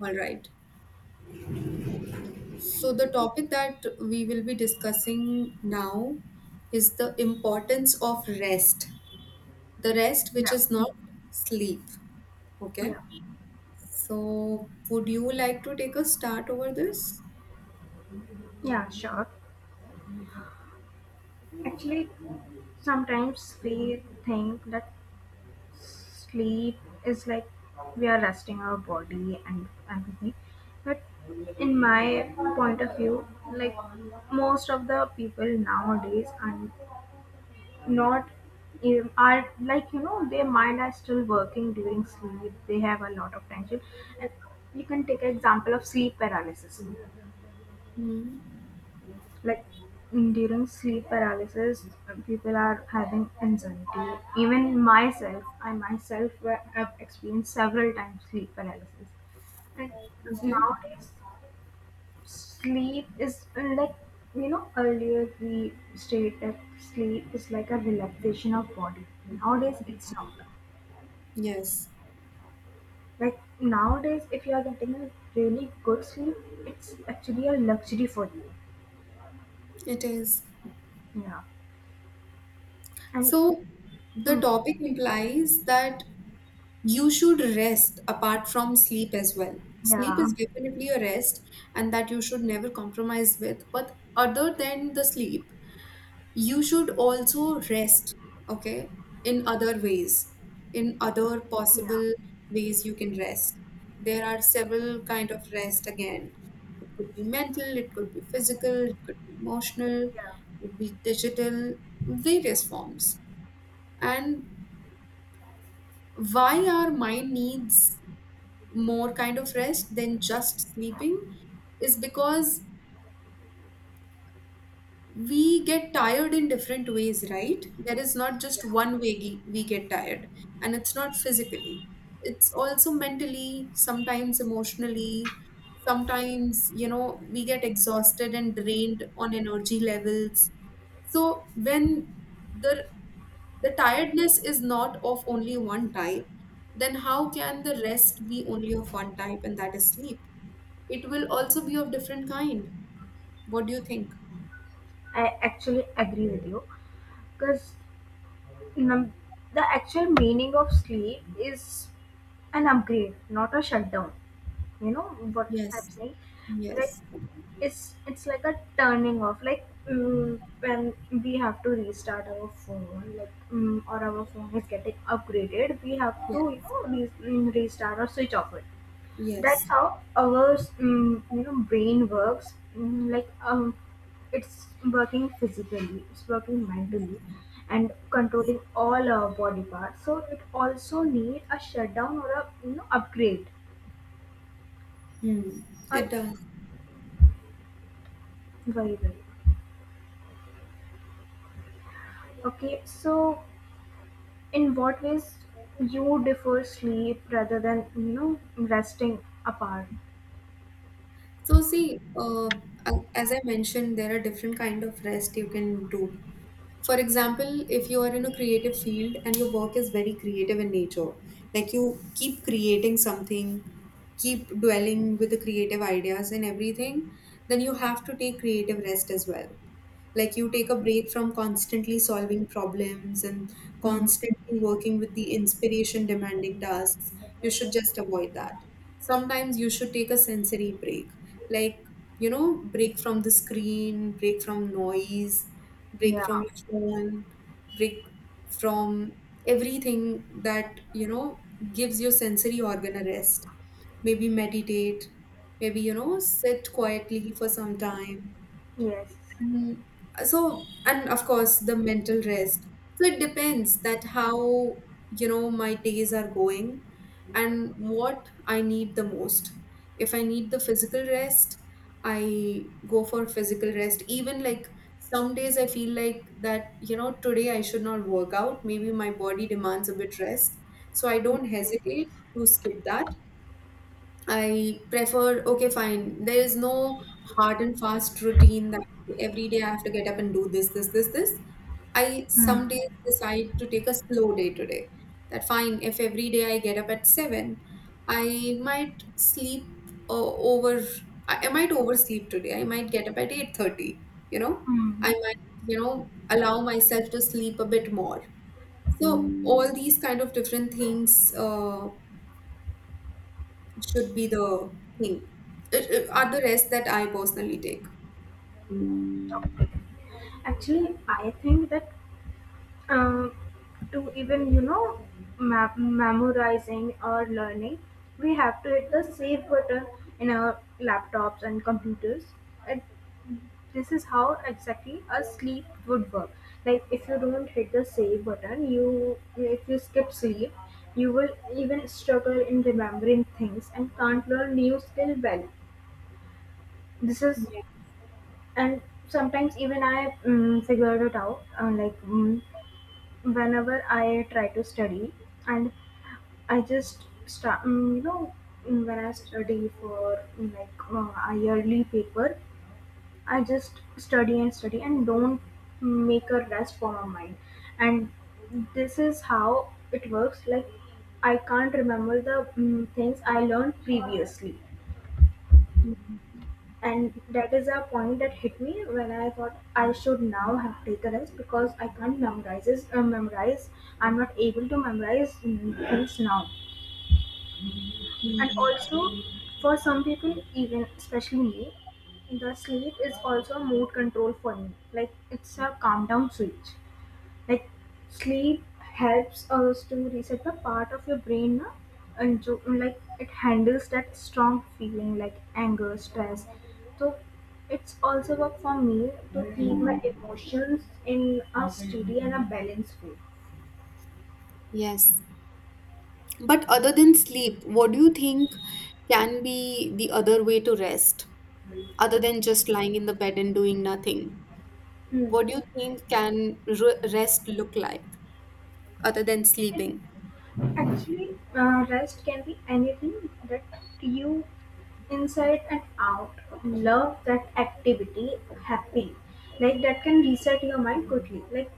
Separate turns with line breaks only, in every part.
All right. So, the topic that we will be discussing now is the importance of rest, the rest which
Yeah,
is not sleep. Okay.
yeah,
So, would you like to take a start over this?
yeah, sure. Actually, sometimes we think that sleep is like we are resting our body and everything. But in my point of view, like most of the people nowadays are not, are like their mind are still working during sleep. They have a lot of tension, and you can take an example of sleep paralysis.
Hmm.
Like during sleep paralysis people are having anxiety. Even myself, have experienced several times sleep paralysis. And
Okay.
nowadays sleep is like earlier we stated that sleep is like a relaxation of body. Nowadays it's not.
Yes,
Like nowadays if you are getting a really good sleep, it's actually a luxury for you.
it is.
Yeah. And
So, the
hmm,
topic implies that you should rest apart from sleep as well. Sleep
yeah,
is definitely a rest, and that you should never compromise with. But other than the sleep, you should also rest, okay, in other ways, in other
yeah,
possible ways you can rest. There are several kind of rest again. It could be mental, it could be physical, it could be emotional, it
yeah,
could be digital, various forms. And why our mind needs more kind of rest than just sleeping is because we get tired in different ways, right? There is not just one way we get tired, and it's not physically. It's also mentally, sometimes emotionally, sometimes, you know, we get exhausted and drained on energy levels. So when the the tiredness is not of only one type, then how can the rest be only of one type and that is sleep? It will also be of different kind. What do you think?
I actually agree with you because num- the actual meaning of sleep is an upgrade, not a shutdown. You know what I'm
Yes.
saying? Like
Yes,
it's like a turning off. Like when we have to restart our phone, like or our phone is getting upgraded, we have
yeah,
to restart or switch off it.
yes.
That's how our brain works. Like it's working physically, it's working mentally, and controlling all our body parts. So it also need a shutdown or a upgrade.
Hmm. It
Or
does.
very very okay. So in what ways you defer sleep rather than resting apart?
So see, as I mentioned, there are different kind of rest you can do. For example, if you are in a creative field and your work is very creative in nature, like you keep creating something, keep dwelling with the creative ideas and everything, then you have to take creative rest as well. Like you take a break from constantly solving problems and
Hmm.
constantly working with the inspiration demanding tasks. You should just avoid that. Sometimes you should take a sensory break, like, you know, break from the screen, break from noise, break from
Yeah.
your phone, break from everything that, you know, gives your sensory organ a rest, maybe meditate, maybe, you know, sit quietly for some time,
Yes.
and so, and of course, the mental rest. So it depends that how, you know, my days are going and what I need the most. If I need the physical rest, I go for physical rest. Even like some days I feel like that, you know, today I should not work out. Maybe my body demands a bit rest. So I
Yes.
don't
Yes. Yes.
hesitate to skip that. I prefer, okay, fine. There is no hard and fast routine that every day I have to get up and do this, this, this, this. I some
Hmm.
days decide to take a slow day today. That fine, if every day I get up at 7, I might sleep over, I might oversleep today. I might get up at 8:30, you know.
Hmm.
I might, you know, allow myself to sleep a bit more. So all these kind of different things should be the thing, are the rest that I personally take.
Okay. Actually, I think that uh, to even memorizing or learning, we have to hit the save button in our laptops and computers. And this is how exactly a sleep would work. Like if you don't hit the save button, you if you skip sleep, you will even struggle in remembering things and can't learn new skill well. This is.
Yeah.
And sometimes even I figured it out. Whenever I try to study, and I just start, when I study for like a yearly paper, I just study and study and don't make a rest for my mind. And this is how it works. Like I can't remember the things I learned previously, and that is a point that hit me when I thought I should now have taken it because I can't memorize this, memorize. I'm not able to memorize things now, and
Mhm.
also for some people, even especially me, the sleep is also a mood control for me. Like it's a calm down switch. Like sleep helps us to reset the part of your brain na? And jo, like it handles that strong feeling like anger, stress. So it's also work for me to keep my emotions in a steady and a balanced way.
Yes. But other than sleep, what do you think can be the other way to rest, other than just lying in the bed and doing nothing?
Hmm.
What do you think can rest look like other than sleeping?
Actually, rest can be anything that you inside and out love that activity happily. Like that can reset your mind quickly. Like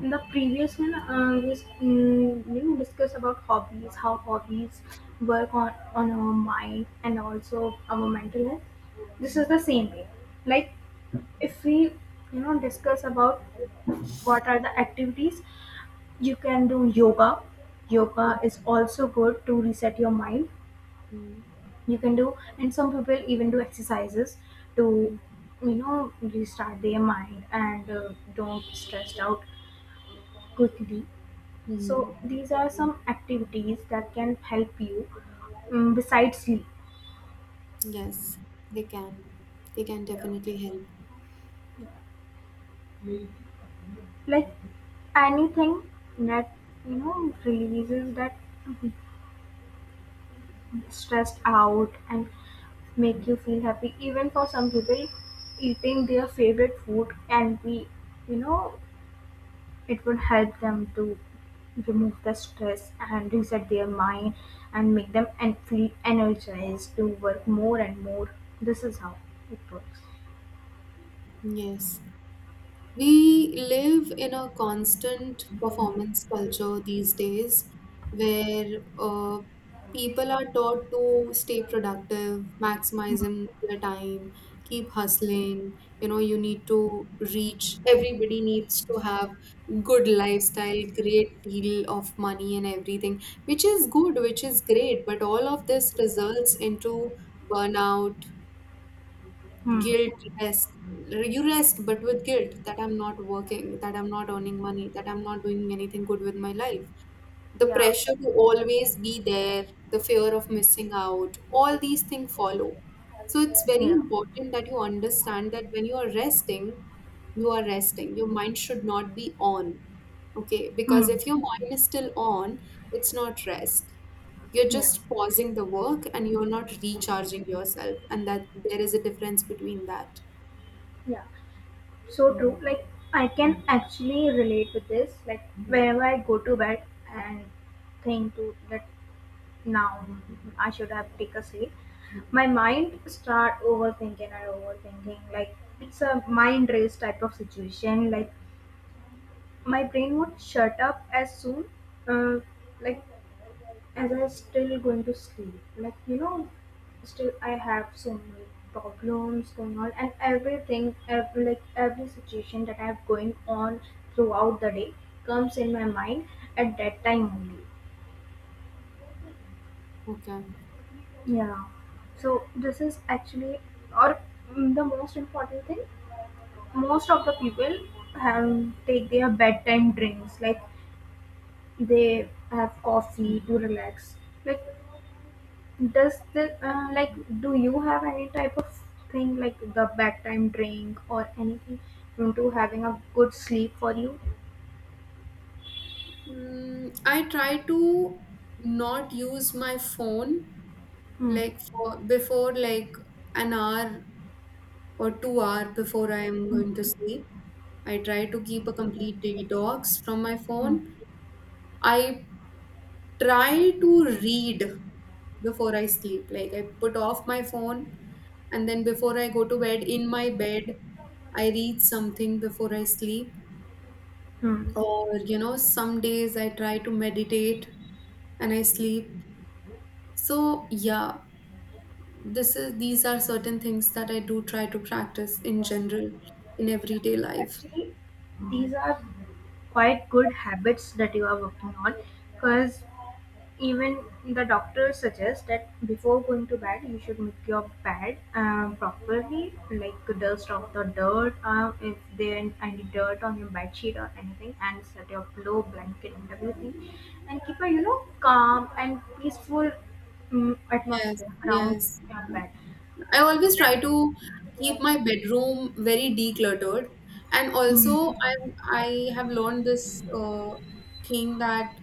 in the previous one, we discuss about hobbies, how hobbies work on our mind and also our mental health. This is the same way. Like if we discuss about what are the activities, you can do yoga. Yoga is also good to reset your mind.
Mm.
You can do, and some people even do exercises to,
Mm.
restart their mind and don't stressed out quickly.
Mm.
So these are some activities that can help you besides sleep.
Yes, they can. They can definitely help.
Like anything that releases that stressed out and make you feel happy. Even for some people, eating their favorite food can be, you know, it would help them to remove the stress and reset their mind and make them and feel energized to work more and more. This is how it works.
Yes. We live in a constant performance culture these days where people are taught to stay productive, maximizing their time, keep hustling. You know, you need to reach, everybody needs to have good lifestyle, great deal of money and everything, which is good, which is great, but all of this results into burnout,
Hmm.
guilt rest. You rest but with guilt that I'm not working, that I'm not earning money, that I'm not doing anything good with my life, the
Yeah.
pressure to always be there, the fear of missing out, all these things follow. So it's very
Yeah.
important that you understand that when you are resting, you are resting. Your mind should not be on. Okay, because
Hmm.
if your mind is still on, it's not rest. You're
Yeah.
just pausing the work and you're not recharging yourself, and that there is a difference between that.
Yeah. So true. Like I can actually relate with this. Like whenever I go to bed and think to that now I should have take a seat. My mind start overthinking and overthinking. Like it's a mind race type of situation. Like my brain would shut up as soon, uh, like as I still going to sleep. Like still I have so many problems going on and everything, every situation that I have going on throughout the day comes in my mind at that time only.
Okay.
Yeah. So this is actually, or the most important thing, most of the people have take their bedtime drinks. Like they have coffee to relax. Like does the like do you have any type of thing like the bedtime drink or anything into having a good sleep for you?
I try to not use my phone
Hmm.
like for before like an hour or 2 hour before I am
Hmm.
going to sleep. I try to keep a complete detox from my
Hmm.
phone. I try to read before I sleep. Like I put off my phone and then before I go to bed in my bed, I read something before I sleep.
Hmm.
Or, you know, some days I try to meditate and I sleep. So yeah, this is these are certain things that I do try to practice in general in everyday life.
Actually, these are quite good habits that you are working on because even the doctor suggests that before going to bed you should make your bed properly, like dust off the dirt, if there are any dirt on your bed sheet or anything, and set your pillow blanket and everything, and keep a calm and peaceful
Yes,
atmosphere around
yes,
your
yeah.
bed.
I always try
But-.
to keep my bedroom very decluttered, and
Hmm,
also I I have learned this thing that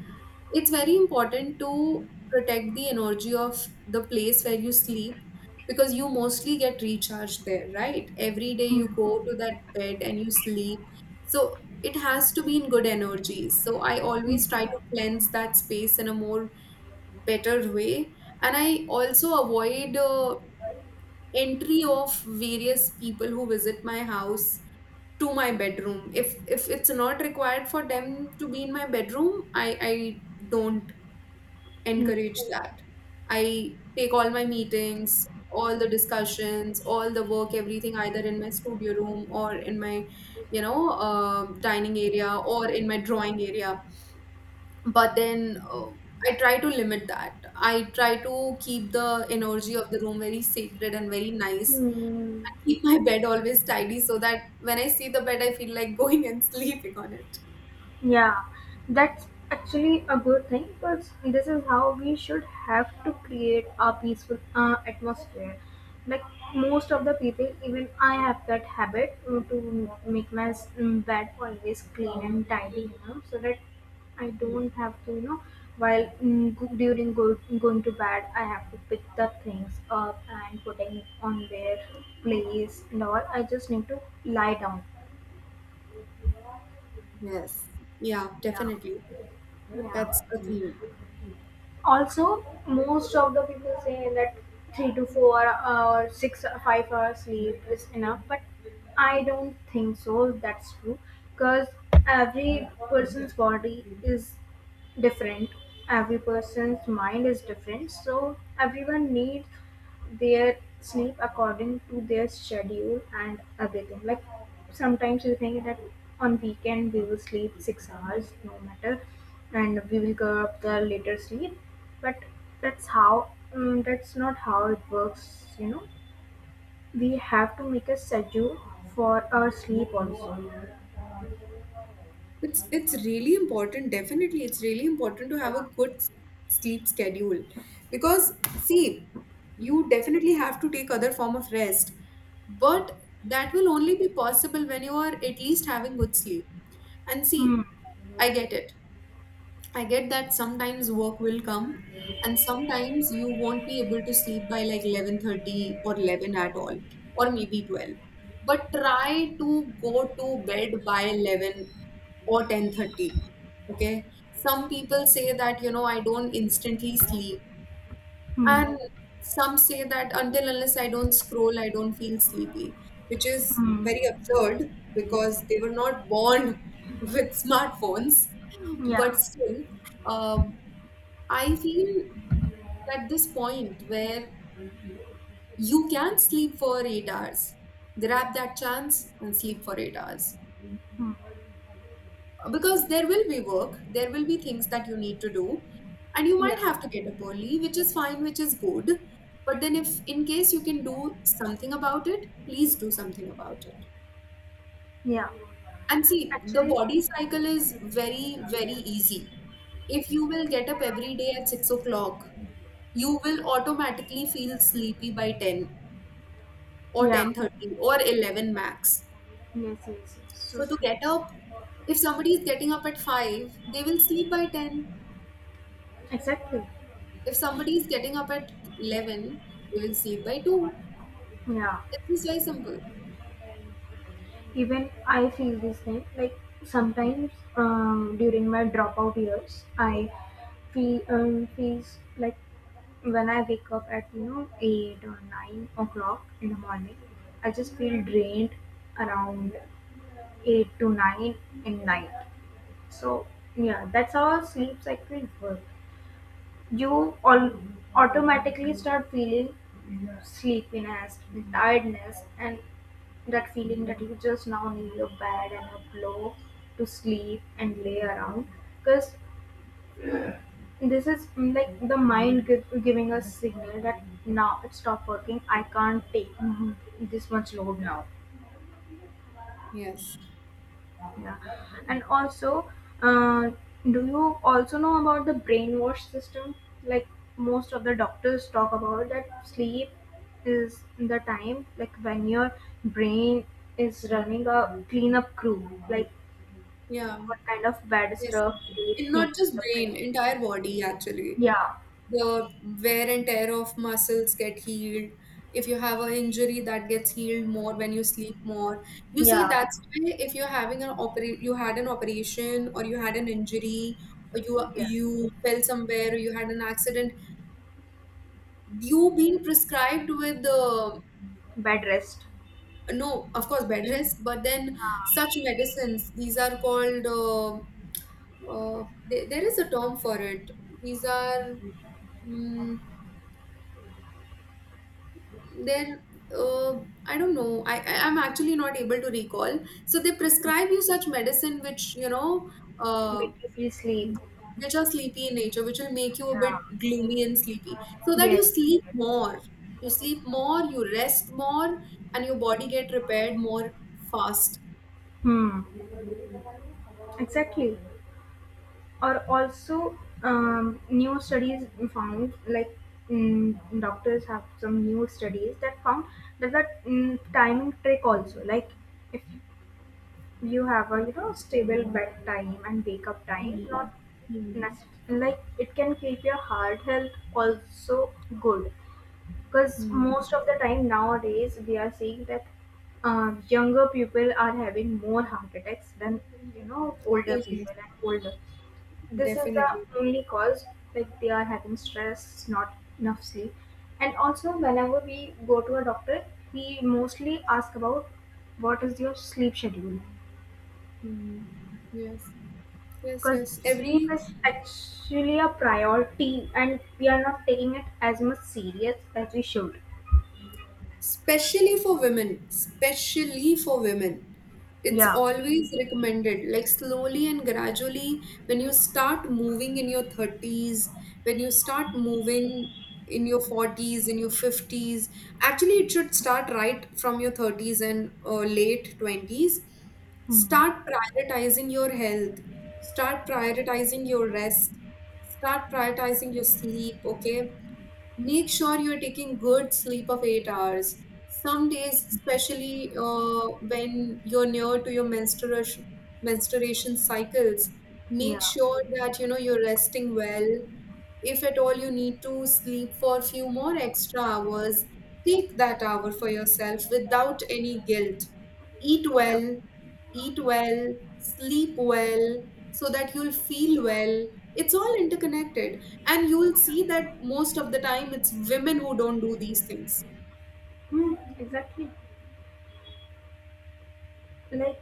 it's very important to protect the energy of the place where you sleep because you mostly get recharged there, right? Every day
hmm,
you go to that bed and you sleep. So it has to be in good energy. So I always try to cleanse that space in a more better way. And I also avoid entry of various people who visit my house to my bedroom. If it's not required for them to be in my bedroom, I don't
hmm,
encourage that. I take all my meetings, all the discussions, all the work, everything either in my studio room or in my, you know, dining area or in my drawing area. But then I try to limit that. I try to keep the energy of the room very sacred and very nice.
hmm.
I keep my bed always tidy so that when I see the bed, I feel like going and sleeping on it.
Yeah, that's actually a good thing because this is how we should have to create a peaceful atmosphere. Like most of the people, even I have that habit to make my bed always clean and tidy, you know, so that I don't have to, you know, while going to bed, I have to pick the things up and putting it on their place and all. I just need to lie down.
Yes. Yeah,
Yeah,
definitely. That's
yeah.
the thing.
Also, most of the people say that 3 to 4 or 6 or 5 hours sleep is enough, but I don't think so. That's true because every person's body is different, every person's mind is different, so everyone needs they sleep according to their schedule and everything. Like sometimes we think that on weekend we will sleep 6 hours, no matter, and we will go up the later sleep. But that's not how it works. We have to make a schedule for our sleep also.
It's really important. Definitely, it's really important to have a
Yeah.
good sleep schedule because see, you definitely have to take other form of rest, but that will only be possible when you are at least having good sleep. And
Hmm.
see, I get it. I get that sometimes work will come and sometimes you won't be able to sleep by like 11:30 or 11 at all or maybe 12. But try to go to bed by 11 or 10:30. Okay? Some people say that you know I don't instantly sleep,
Hmm.
and some say that until unless I don't scroll, I don't feel sleepy, which is very
Hmm.
absurd because they were not born with smartphones. But
Yeah.
still, um, I feel that this point where you can sleep for 8 hours, grab that chance and sleep for 8 hours,
Hmm.
because there will be work, there will be things that you need to do and you might
Yeah.
have to get up early, which is fine, which is good, but then if in case you can do something about it, please do something about it.
Yeah.
And see, the
Actually,
body cycle is very very easy. If you will get up every day at 6 o'clock, you will automatically feel sleepy by 10 or
yeah.
10:30 or 11 max.
Yes, yes. Yes.
So
So
to
true.
get up, if somebody is getting up at 5, they will sleep by 10.
Exactly.
If somebody is getting up at 11, they will sleep by 2.
Yeah,
It's just very simple.
even I feel the same. Like sometimes during my dropout years, I feel feels like when I wake up at 8 or 9 o'clock in the morning, I just feel drained around 8 to 9 in night. So yeah, that's how our sleep cycle works. You all automatically start feeling sleepiness, tiredness, and that feeling that you just now need a bed and a pillow to sleep and lay around. Because this is like the mind giving us signal that now it stopped working. I can't take this much load now.
Yes.
Yeah. And also, uh, do you also know about the brainwash system? Like most of the doctors talk about that sleep is the time like when your brain is running a cleanup crew, like
Yeah.
what kind of bad
Yes,
stuff
yes.
do you
And not
think
just
the brain?
brain, entire body actually.
Yeah,
The wear and tear of muscles get healed. If you have an injury that gets healed more when you sleep more. You see,
yeah,
that's why if you're having an operate, you had an operation or you had an injury or
yeah.
you fell somewhere or you had an accident, you being prescribed with the,
Bad rest.
no, of course, bed rest, but then
Uh,
such medicines, these are called there there is a term for it. These are mm, they're I don't know. I'm actually not able to recall. So they prescribe you such medicine which, you know, uh,
Make you feel sleep.
which are sleepy in nature, which will make you a
Yeah.
bit gloomy and sleepy so that you
Yes.
sleep more. You sleep more, you rest more, and your body get repaired more fast.
Hmm. Exactly. Or also, new studies found, like doctors have some new studies that found there's a timing trick also. Like if you have a stable bedtime and wake up time,
Mhm.
not
Mhm.
like it can keep your heart health also good, because
Mm.
most of the time nowadays we are seeing that younger people are having more heart attacks than older
Oh yes,
people and older, this is the
definitely.
only cause, like they are having stress, not enough sleep, and also whenever we go to a doctor he mostly ask about what is your sleep schedule,
Mm. Yes, yes,
because
yes.
sleep
Every—
is actually a priority and we are not taking it as much serious as we should.
Especially for women, especially for women. It's
Yeah.
always recommended, like slowly and gradually, when you start moving in your 30s, when you start moving in your 40s, in your 50s, actually, it should start right from your 30s and late 20s.
Hmm.
Start prioritizing your health, start prioritizing your rest, start prioritizing your sleep, okay? Make sure you're taking good sleep of 8 hours. Some days, especially when you're near to your menstruation cycles, make
Yeah,
sure that you know you're resting well. If at all you need to sleep for a few more extra hours, take that hour for yourself without any guilt. Eat
yeah.
well, eat well, sleep well, so that you'll feel well. It's all interconnected. And you'll see that most of the time it's women who don't do these things.
Hmm, exactly. Like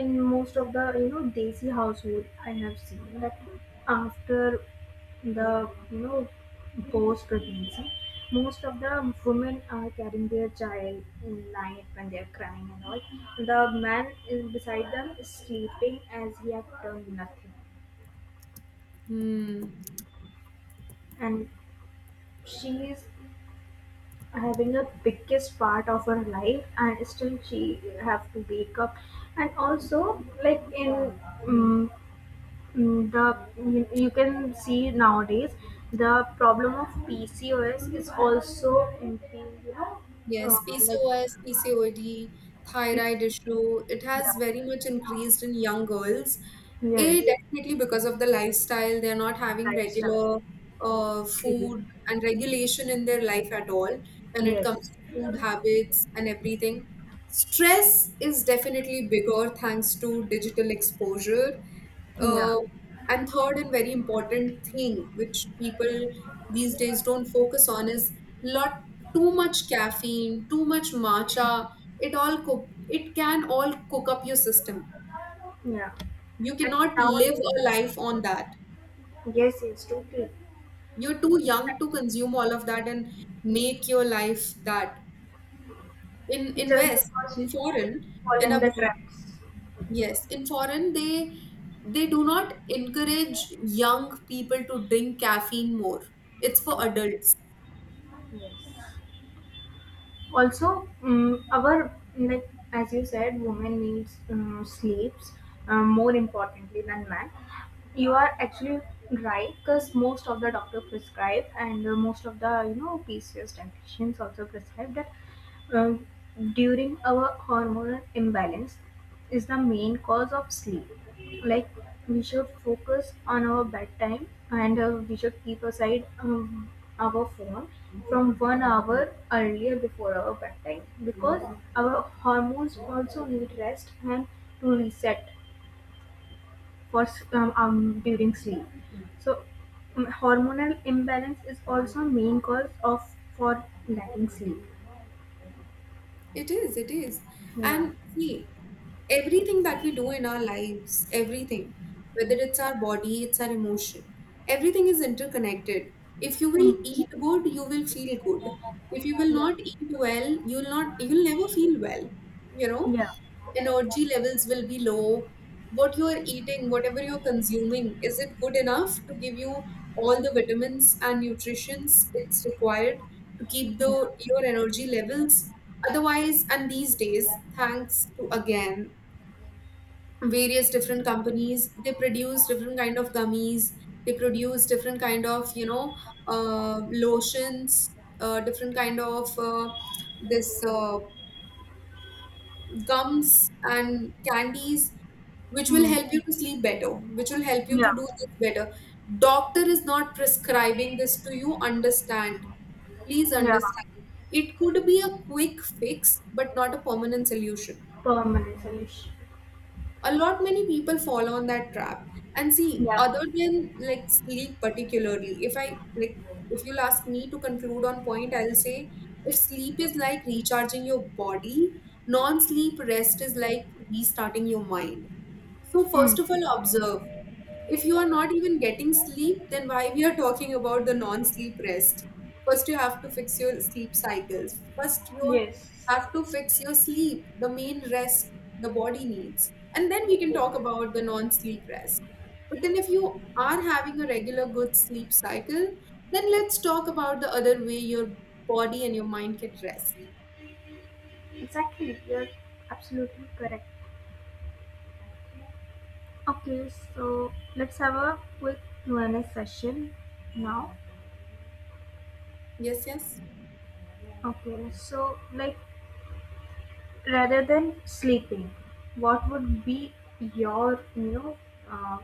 in most of the desi household I have seen that after the post pregnancy most of the women are carrying their child in night when they are crying and all, the man is beside them is sleeping as he had done nothing,
Hmm.
and she is having the biggest part of her life and still she have to wake up. And also like in um, Mm, the you, can see nowadays the problem of PCOS is also MP, you know,
Yes,
like
PCOS, PCOD,
PC,
thyroid issue, it
yeah,
has very much increased in young girls. A,
yes,
definitely because of the lifestyle, they're not having
lifestyle,
regular
sleep,
food and regulation in their life at all when it
yes,
comes to food habits and everything. Stress is definitely bigger thanks to digital exposure.
yeah,
Uh. And third and very important thing which people these days don't focus on is lot too much caffeine, too much matcha. It can all cook up your system.
yeah,
You
and
cannot live
nowadays,
a life on that.
yes, yes, totally,
You're too young to consume all of that and make your life that. In
just
invest
because
in
they
foreign,
fall
in
in the
abroad.
traps,
Yes. In foreign they do not encourage young people to drink caffeine more. It's for adults.
yes. Also our, like as you said, women needs sleeps more importantly than men. You are actually right because most of the doctor prescribe, and most of the PCOS dietitians also prescribe that um, during our hormonal imbalance is the main cause of sleep. Like we should focus on our bedtime and we should keep aside our phone from 1 hour earlier before our bedtime because our hormones also need rest and to reset for during sleep. So hormonal imbalance is also main cause of for lacking sleep.
It is, it is.
Yeah.
And see, everything that we do in our lives, everything, whether it's our body, it's our emotion, everything is interconnected. If you will
Hmm.
eat good, you will feel good. If you will
Yeah.
not eat well, you'll never feel well. You know,
Yeah.
energy levels will be low. What you are eating, whatever you're consuming, is it good enough to give you all the vitamins and nutritions it's required to keep the
Yeah.
your energy levels? Otherwise, and these days, thanks to again various different companies, they produce different kind of gummies, they produce different kind of lotions, different kind of this. Gums and candies which will
Hmm.
help you to sleep better, which will help you
Yeah.
to do this better. Doctor is not prescribing this to you, understand. Please
Yeah.
understand. It could be a quick fix, but not a permanent solution.
Permanent solution.
A lot many people fall on that trap. And see,
Yeah.
other than like sleep particularly, if I like if you'll ask me to conclude on point, I'll say if sleep is like recharging your body, non-sleep rest is like restarting your mind. So
Hmm.
first of all, observe, if you are not even getting sleep, then why we are talking about the non-sleep rest? First, you have to fix your sleep cycles. First, you
Yes.
have to fix your sleep, the main rest the body needs. And then we can
Yeah.
talk about the non-sleep rest. But then if you are having a regular good sleep cycle, then let's talk about the other way your body and your mind can rest.
Exactly. You're absolutely correct. Okay, so let's have a quick Q&A session now.
Yes, yes.
Okay, so like rather than sleeping, what would be your uh,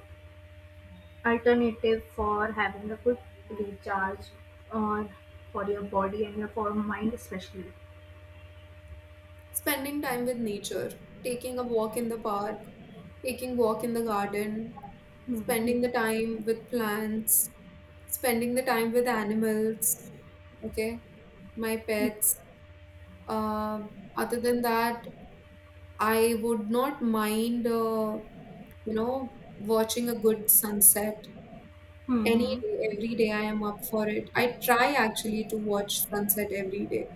alternative for having a good recharge on for your body and your for mind especially?
Spending time with nature, taking a walk in the park, taking walk in the garden,
Hmm.
spending the time with plants, spending the time with animals, okay, my pets. Um, other than that, I would not mind, you know, watching a good sunset any
Hmm.
day. Every day I am up for it. I try actually to watch sunset every day,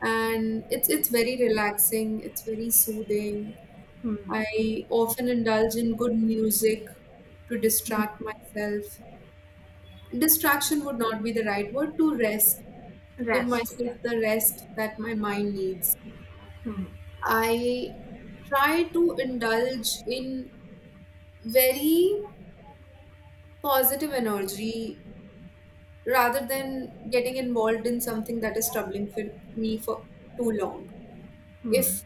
and it's very relaxing. It's very soothing.
Hmm.
I
Yes.
often indulge in good music to
Hmm.
distract myself. Distraction would not be the right word, to rest, to give
Rest, yeah.
myself the rest that my mind needs.
Hmm.
I try to indulge in very positive energy rather than getting involved in something that is troubling for me for too long. If
Hmm.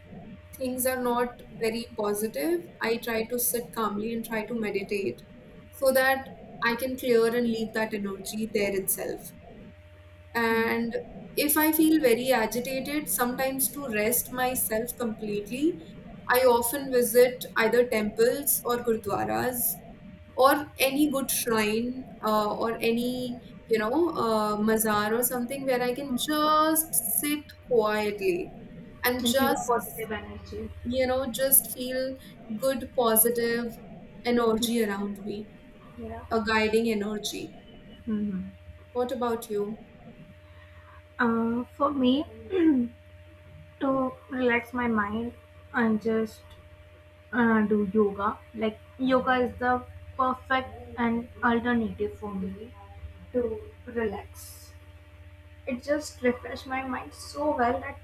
things are not very positive, I try to sit calmly and try to meditate so that I can clear and leave that energy there itself. And
Hmm.
if I feel very agitated, sometimes to rest myself completely, I often visit either temples or gurdwaras or any good shrine, or any mazar or something where I can just sit quietly and
And feel a
just
positive energy.
you know, just feel good, positive energy around me,
Yeah.
a guiding energy.
Hmm.
What about you?
For me, to relax my mind and just do yoga. Like yoga is the perfect and alternative for me to relax. It just refreshed my mind so well that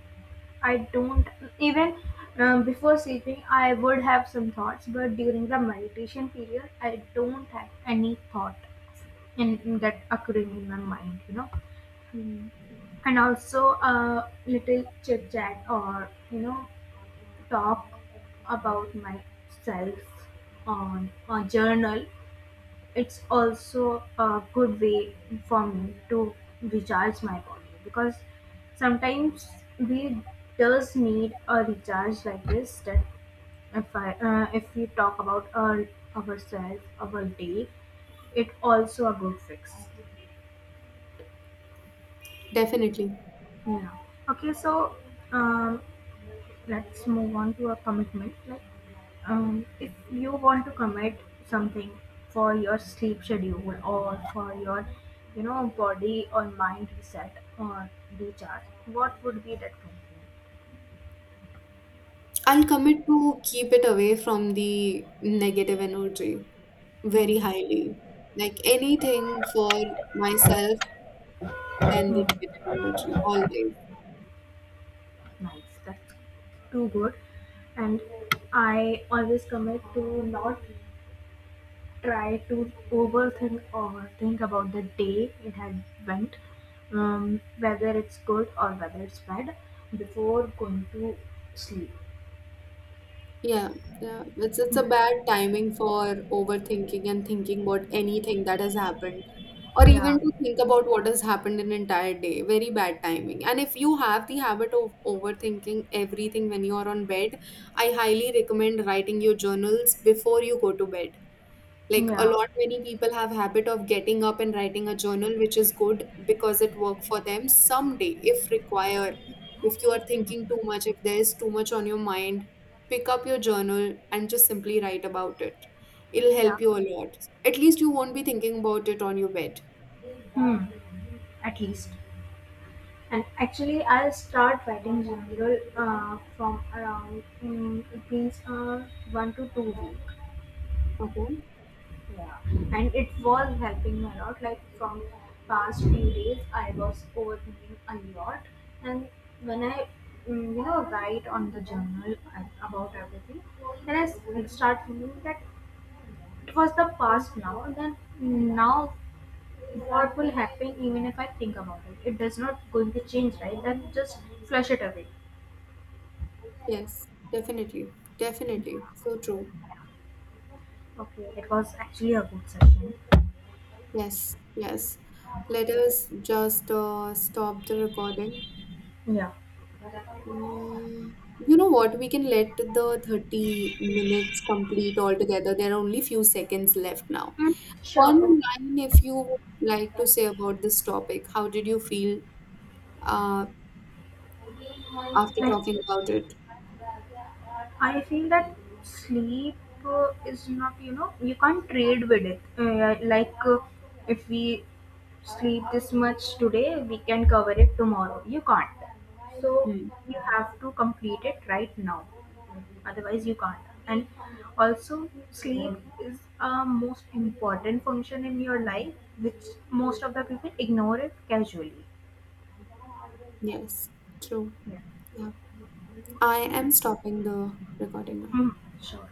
I don't even, before sleeping I would have some thoughts, but during the meditation period I don't have any thought in that occurring in my mind.
Hmm.
And also a little chit chat or talk about myself on a journal, it's also a good way for me to recharge my body because sometimes we does need a recharge like this, that if we talk about ourselves our day, it also a good fix.
Definitely.
Yeah. Okay, so um let's move on to a commitment. Like, if you want to commit something for your sleep schedule or for your, body or mind reset or recharge, what would be that
I'll commit to keep it away from the negative energy very
commitment?
highly. Like anything for myself than the
Hmm.
negative energy, always.
Nice. That's too good. And I always commit to not try to overthink or think about the day it had went, whether it's good or whether it's bad, before going to sleep.
Yeah, yeah. It's a bad timing for overthinking and thinking about anything that has happened, or even
Yeah,
to think about what has happened in entire day. Very bad timing. And if you have the habit of overthinking everything when you are on bed, I highly recommend writing your journals before you go to bed. Like a
yeah,
lot many people have habit of getting up and writing a journal, which is good because it work for them someday if require. If you are thinking too much, if there is too much on your mind, pick up your journal and just simply write about it. It'll
yeah.
help you a lot. At least you won't be thinking about it on your bed.
Hmm. At least. And actually, I'll start writing general from around, it means, 1 to 2 week.
Okay.
Yeah, and it was helping me a lot. Like from past few days, I was overthinking a lot, and when I, write on the journal about everything, then I start thinking that it was the past now, and then now what will happen even if I think about it? It does not going to change, right? Then just flush it away.
Yes, definitely. Definitely, so true.
Okay, it was actually a good session.
Yes, yes, let us just stop the recording.
Yeah.
Mm, you know what? We can let the 30 minutes complete altogether. There are only few seconds left now.
Mm,
One
sure.
line, if you would like to say about this topic, how did you feel uh,
Okay.
after
Like
talking about it?
I feel that sleep is not, you can't trade with it. Like if we sleep this much today, we can cover it tomorrow. You can't. So
Hmm.
you have to complete it right now. Otherwise, you can't. And also, sleep is a most important function in your life, which most of the people ignore it casually.
Yes, true.
Yeah.
Yeah. I am stopping the recording now.
Hmm. Sure.